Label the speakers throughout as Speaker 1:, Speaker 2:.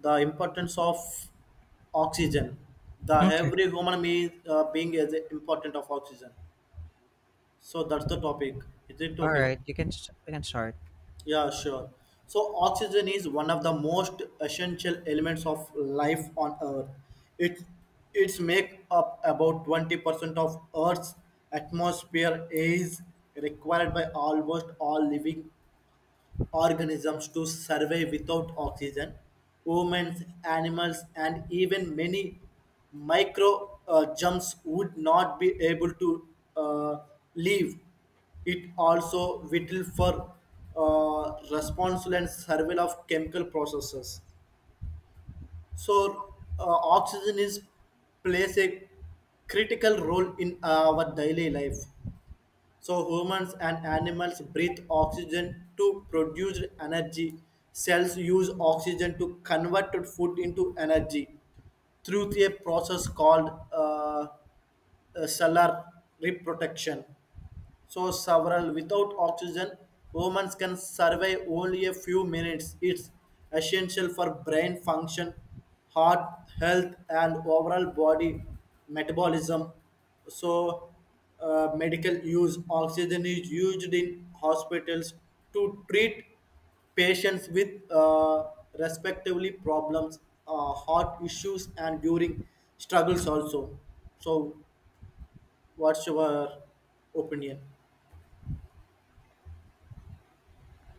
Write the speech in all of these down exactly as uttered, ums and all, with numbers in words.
Speaker 1: The importance of oxygen. The
Speaker 2: Okay.
Speaker 1: every human being, uh, being is important of oxygen. So that's the topic. Is it
Speaker 2: All
Speaker 1: okay?
Speaker 2: right. You can s- you can start.
Speaker 1: Yeah, sure. So oxygen is one of the most essential elements of life on Earth. It it's make up about twenty percent of Earth's atmosphere is required by almost all living organisms to survive without oxygen. Humans, animals, and even many microorganisms would not be able to uh, live. It also vital for uh, responsible and survival of chemical processes. So, uh, oxygen is plays a critical role in our daily life. So humans and animals breathe oxygen to produce energy. Cells use oxygen to convert food into energy through a process called uh, uh, solar reprotection. So several without oxygen, humans can survive only a few minutes. It's essential for brain function, heart health, and overall body metabolism. So uh, medical use oxygen is used in hospitals to treat patients with uh, respectively problems, uh, heart issues, and during struggles also. So, what's your opinion?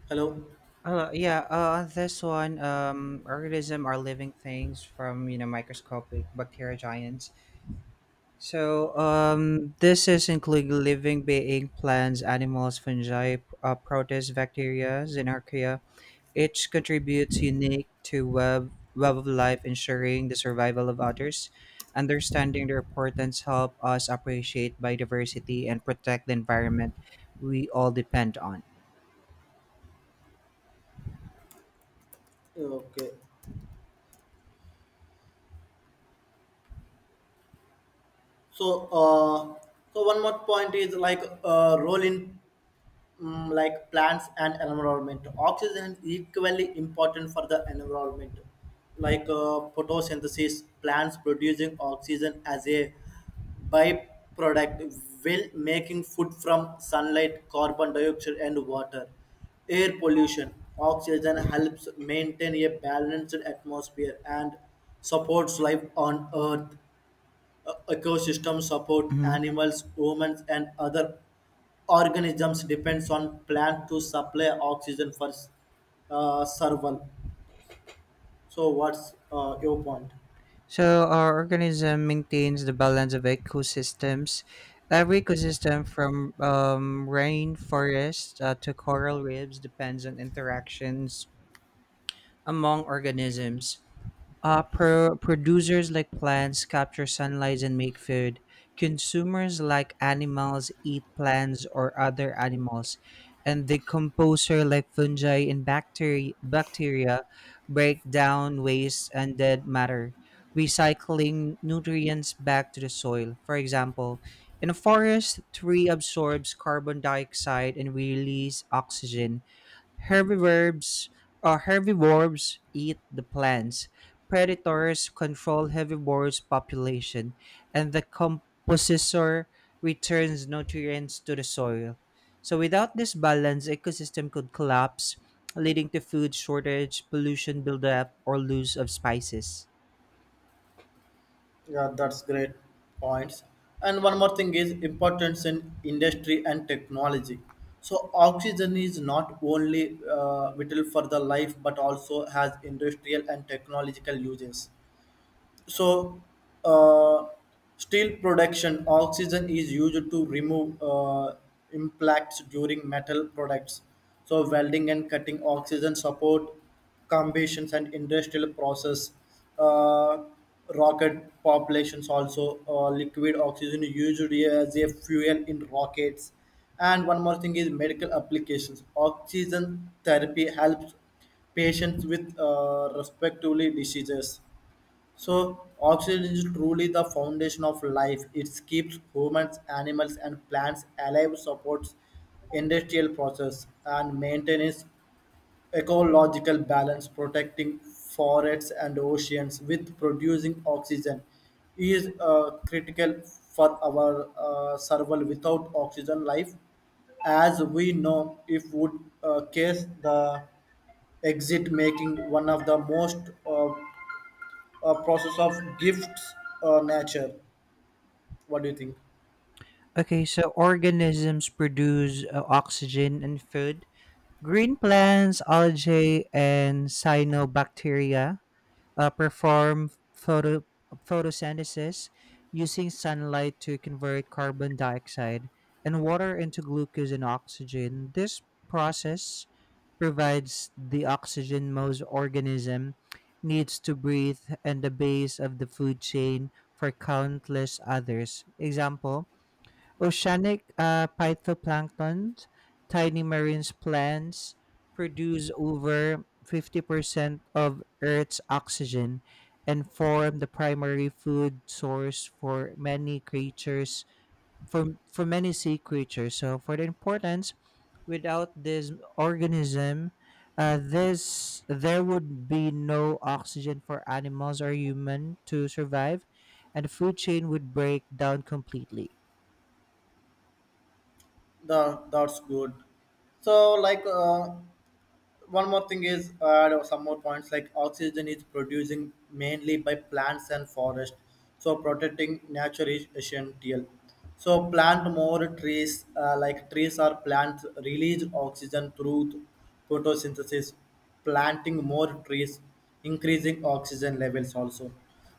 Speaker 1: Hello.
Speaker 2: Uh, yeah. Uh, on this one, um, organism are living things from you know microscopic bacteria giants. So um, this is including living being, plants, animals, fungi, uh, protists, bacteria, archaea. Each contributes unique to web web of life, ensuring the survival of others. Understanding their importance help us appreciate biodiversity and protect the environment we all depend on.
Speaker 1: Okay. So, uh, so one more point is like uh, role in um, like plants and environment. Oxygen is equally important for the environment. Like uh, photosynthesis, plants producing oxygen as a byproduct while making food from sunlight, carbon dioxide, and water. Air pollution. Oxygen helps maintain a balanced atmosphere and supports life on Earth. Uh, ecosystem support
Speaker 2: Mhm.
Speaker 1: animals, humans, and other organisms depends on plant to supply oxygen for uh, survival. So, what's uh, your point?
Speaker 2: So our organism maintains the balance of ecosystems. Every ecosystem from um, rainforest uh, to coral reefs depends on interactions among organisms. Uh, pro- producers like plants capture sunlight and make food. Consumers like animals eat plants or other animals. And the composer like fungi and bacteria, bacteria break down waste and dead matter, recycling nutrients back to the soil. For example, in a forest, tree absorbs carbon dioxide and release oxygen. Herbivores or herbivores eat the plants. Predators control herbivores population and the composer returns nutrients to the soil. So without this balance, ecosystem could collapse, leading to food shortage, pollution buildup, or loss of spices.
Speaker 1: Yeah, that's great points. And one more thing is importance in industry and technology. So, oxygen is not only uh, vital for the life, but also has industrial and technological uses. So uh, steel production oxygen is used to remove uh, impacts during metal products. So welding and cutting oxygen support combustions and industrial process. uh, Rocket populations also uh, liquid oxygen used as a fuel in rockets. And one more thing is medical applications oxygen therapy helps patients with uh, respectively diseases. So oxygen is truly the foundation of life. It keeps humans, animals, and plants alive, supports industrial process, and maintains ecological balance, protecting forests and oceans with producing oxygen is uh, critical for our uh, survival. Without oxygen, life as we know if would uh, case the exit making one of the most uh, a process of gifts uh, nature. What do you think?
Speaker 2: Okay, so organisms produce uh, oxygen and food. Green plants, algae, and cyanobacteria uh, perform photo photosynthesis using sunlight to convert carbon dioxide and water into glucose and oxygen. This process provides the oxygen most organism needs to breathe and the base of the food chain for countless others. Example, oceanic uh, phytoplankton, tiny marine plants, produce over fifty percent of Earth's oxygen and form the primary food source for many creatures, for, for many sea creatures. So, for the importance, without this organism, uh, this there would be no oxygen for animals or human to survive, and the food chain would break down completely.
Speaker 1: The that's good. So like uh, one more thing is uh, there are some more points like oxygen is producing mainly by plants and forest. So protecting nature is essential. So plant more trees uh, like trees or plants release oxygen through photosynthesis. Planting more trees increasing oxygen levels also.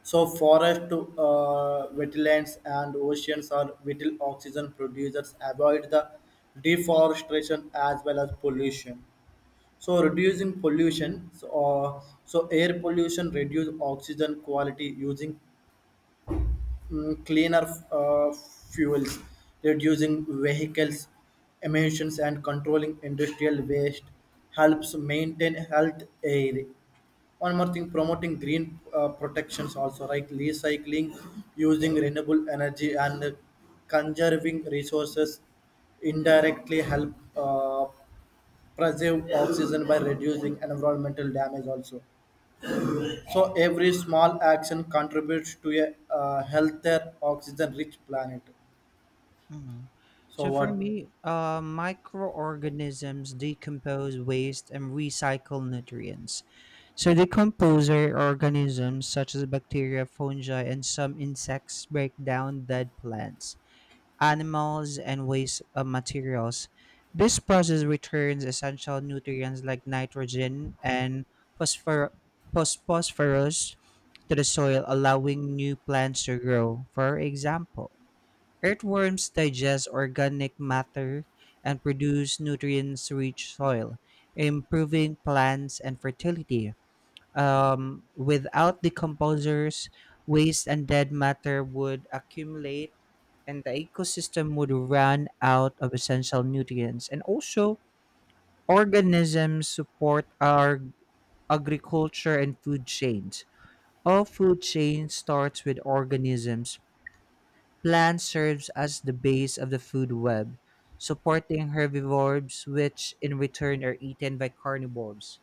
Speaker 1: So forest uh, wetlands and oceans are vital oxygen producers avoid the deforestation as well as pollution. So reducing pollution, so, uh, so air pollution reduce oxygen quality using mm, cleaner uh, fuels reducing vehicles emissions and controlling industrial waste helps maintain health air. One more thing promoting green uh, protections also right. Recycling using renewable energy and conserving resources indirectly help uh, preserve oxygen by reducing environmental damage also. So every small action contributes to a uh, healthier oxygen rich planet.
Speaker 2: Mhm.
Speaker 1: So
Speaker 2: So for
Speaker 1: what?
Speaker 2: me, uh, microorganisms decompose waste and recycle nutrients. So decomposer organisms such as bacteria, fungi, and some insects break down dead plants, animals, and waste uh, materials. This process returns essential nutrients like nitrogen and phosphor- phos- phosphorus to the soil, allowing new plants to grow. For example, earthworms digest organic matter and produce nutrients-rich soil, improving plants and fertility. Um, without decomposers, waste and dead matter would accumulate, and the ecosystem would run out of essential nutrients. And also, organisms support our agriculture and food chains. All food chain starts with organisms. Plant serves as the base of the food web, supporting herbivores which in return are eaten by carnivores.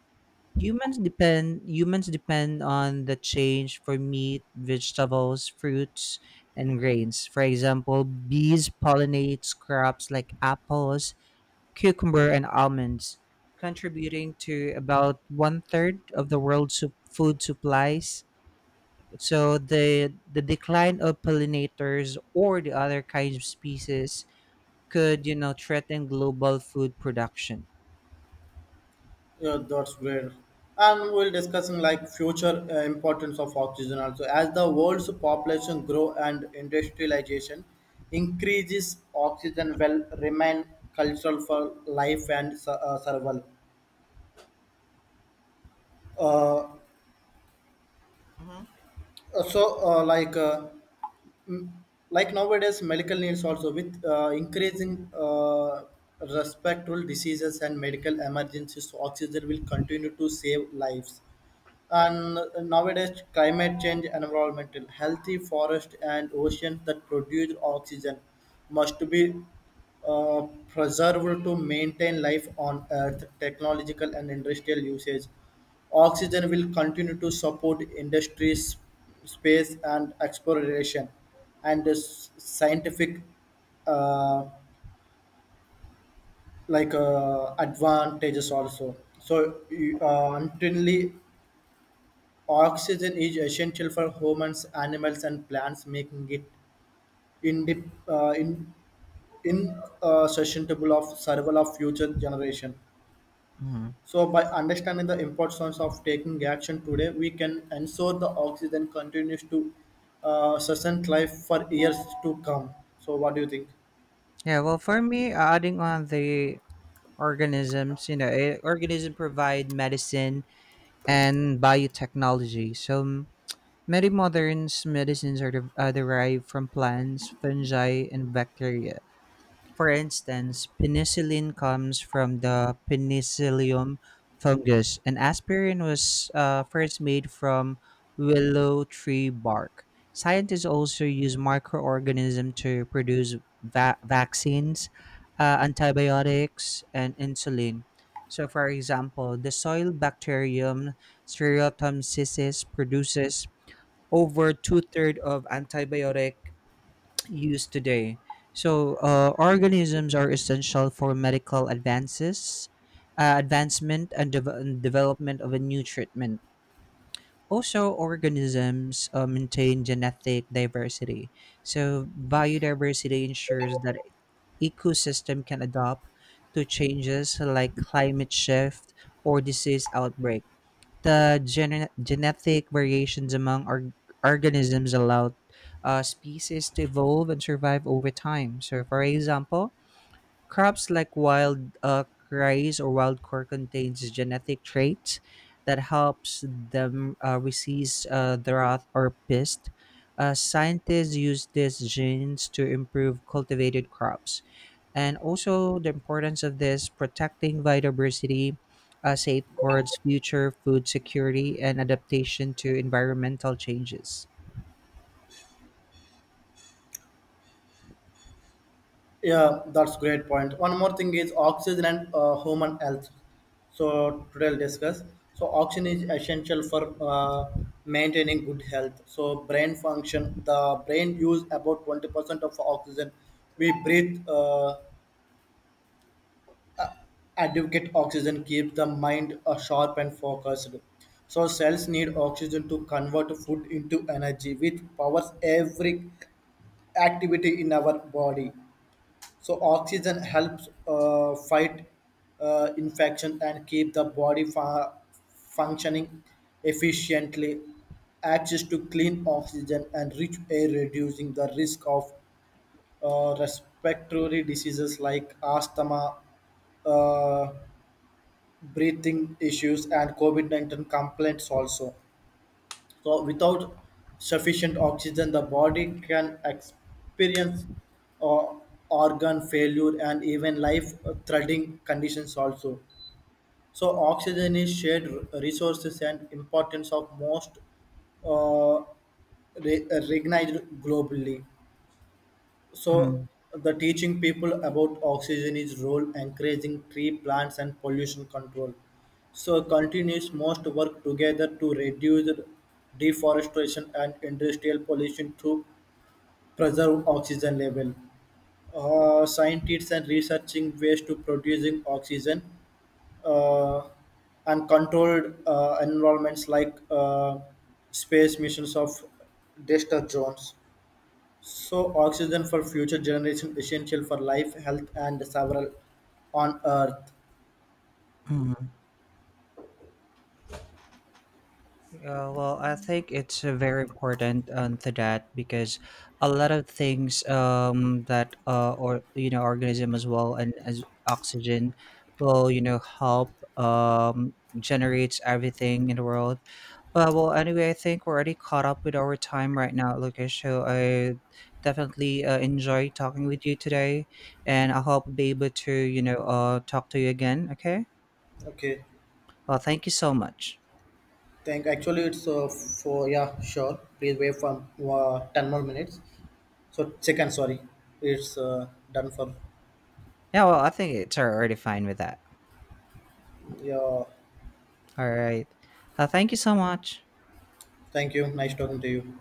Speaker 2: Humans depend humans depend on the change for meat, vegetables, fruits, and grains. For example, bees pollinate crops like apples, cucumber, and almonds, contributing to about one third of the world's su- food supplies. So the the decline of pollinators or the other kinds of species could, you know, threaten global food production.
Speaker 1: Yeah, that's great. And we'll discussing like future uh, importance of oxygen also as the world's population grow and industrialization increases oxygen will remain cultural for life and su- uh, survival. Uh, so uh, like uh, mm, like nowadays medical needs also with uh, increasing uh, respectful diseases and medical emergencies, so oxygen will continue to save lives. And nowadays, climate change, environmental, healthy forest and oceans that produce oxygen must be uh, preserved to maintain life on Earth. Technological and industrial usage. Oxygen will continue to support industries, space and exploration, and s- scientific uh, like uh, advantages also. So you- uh, until oxygen is essential for humans, animals, and plants, making it indep- uh, in, in uh, susceptible of survival of future generation.
Speaker 2: Mhm.
Speaker 1: So, by understanding the importance of taking action today, we can ensure the oxygen continues to uh, sustain life for years to come. So, what do you think?
Speaker 2: Yeah, well, for me, uh, adding on the organisms, you know, eh, organism provide medicine and biotechnology. So m- many modern medicines are, de- are derived from plants, fungi, and bacteria. For instance, penicillin comes from the penicillium fungus, and aspirin was uh, first made from willow tree bark. Scientists also use microorganisms to produce va- vaccines, uh, antibiotics, and insulin. So, for example, the soil bacterium Stereotomyces produces over two thirds of antibiotic used today. So, uh, organisms are essential for medical advances, uh, advancement, and, dev- and development of a new treatment. Also, organisms uh, maintain genetic diversity. So, biodiversity ensures that ecosystem can adapt to changes like climate shift or disease outbreak. The gene- genetic variations among org- organisms allow uh, species to evolve and survive over time. So, for example, crops like wild uh, rice or wild corn contains genetic traits that helps them uh, resist uh, drought or pest. Uh, scientists use these genes to improve cultivated crops, and also the importance of this protecting biodiversity uh, safeguards future food security and adaptation to environmental changes.
Speaker 1: Yeah, that's great point. One more thing is oxygen and uh, human health. So today I'll discuss. So oxygen is essential for uh, maintaining good health. So brain function, the brain use about twenty percent of oxygen. We breathe, uh, adequate oxygen keeps the mind uh, sharp and focused. So cells need oxygen to convert food into energy, which powers every activity in our body. So oxygen helps uh, fight uh, infection and keep the body fa- functioning efficiently. Access to clean oxygen and rich air reducing the risk of uh, respiratory diseases like asthma, uh, breathing issues, and COVID nineteen complaints also. So, without sufficient oxygen, the body can experience uh, organ failure and even life-threatening conditions also. So, oxygen is shared r- resources and importance of most uh, re- recognized globally. So
Speaker 2: Mm,
Speaker 1: the teaching people about oxygen is role, encouraging tree plants and pollution control. So continues must work together to reduce deforestation and industrial pollution to preserve oxygen level. Uh, scientists and researching ways to producing oxygen uh, and controlled uh, environments like uh, space missions of Dexter Jones. So oxygen for future generation essential for life, health, and several on Earth.
Speaker 2: mm. Yeah, well, I think it's uh, very important um, to that because a lot of things um, that uh, or you know organism as well and as oxygen will you know help um, generates everything in the world. But well, anyway, I think we're already caught up with our time right now, Lucas. So I definitely uh, enjoy talking with you today, and I hope be able to you know uh, talk to you again. Okay.
Speaker 1: Okay,
Speaker 2: Well, thank you so much.
Speaker 1: thank. Actually, it's uh, for, yeah, sure. Please wait for uh, ten more minutes. So second, sorry, it's uh, done for.
Speaker 2: Yeah, well, I think it's already fine with that.
Speaker 1: Yeah,
Speaker 2: All right. Uh, thank you so much.
Speaker 1: thank you. Nice talking to you.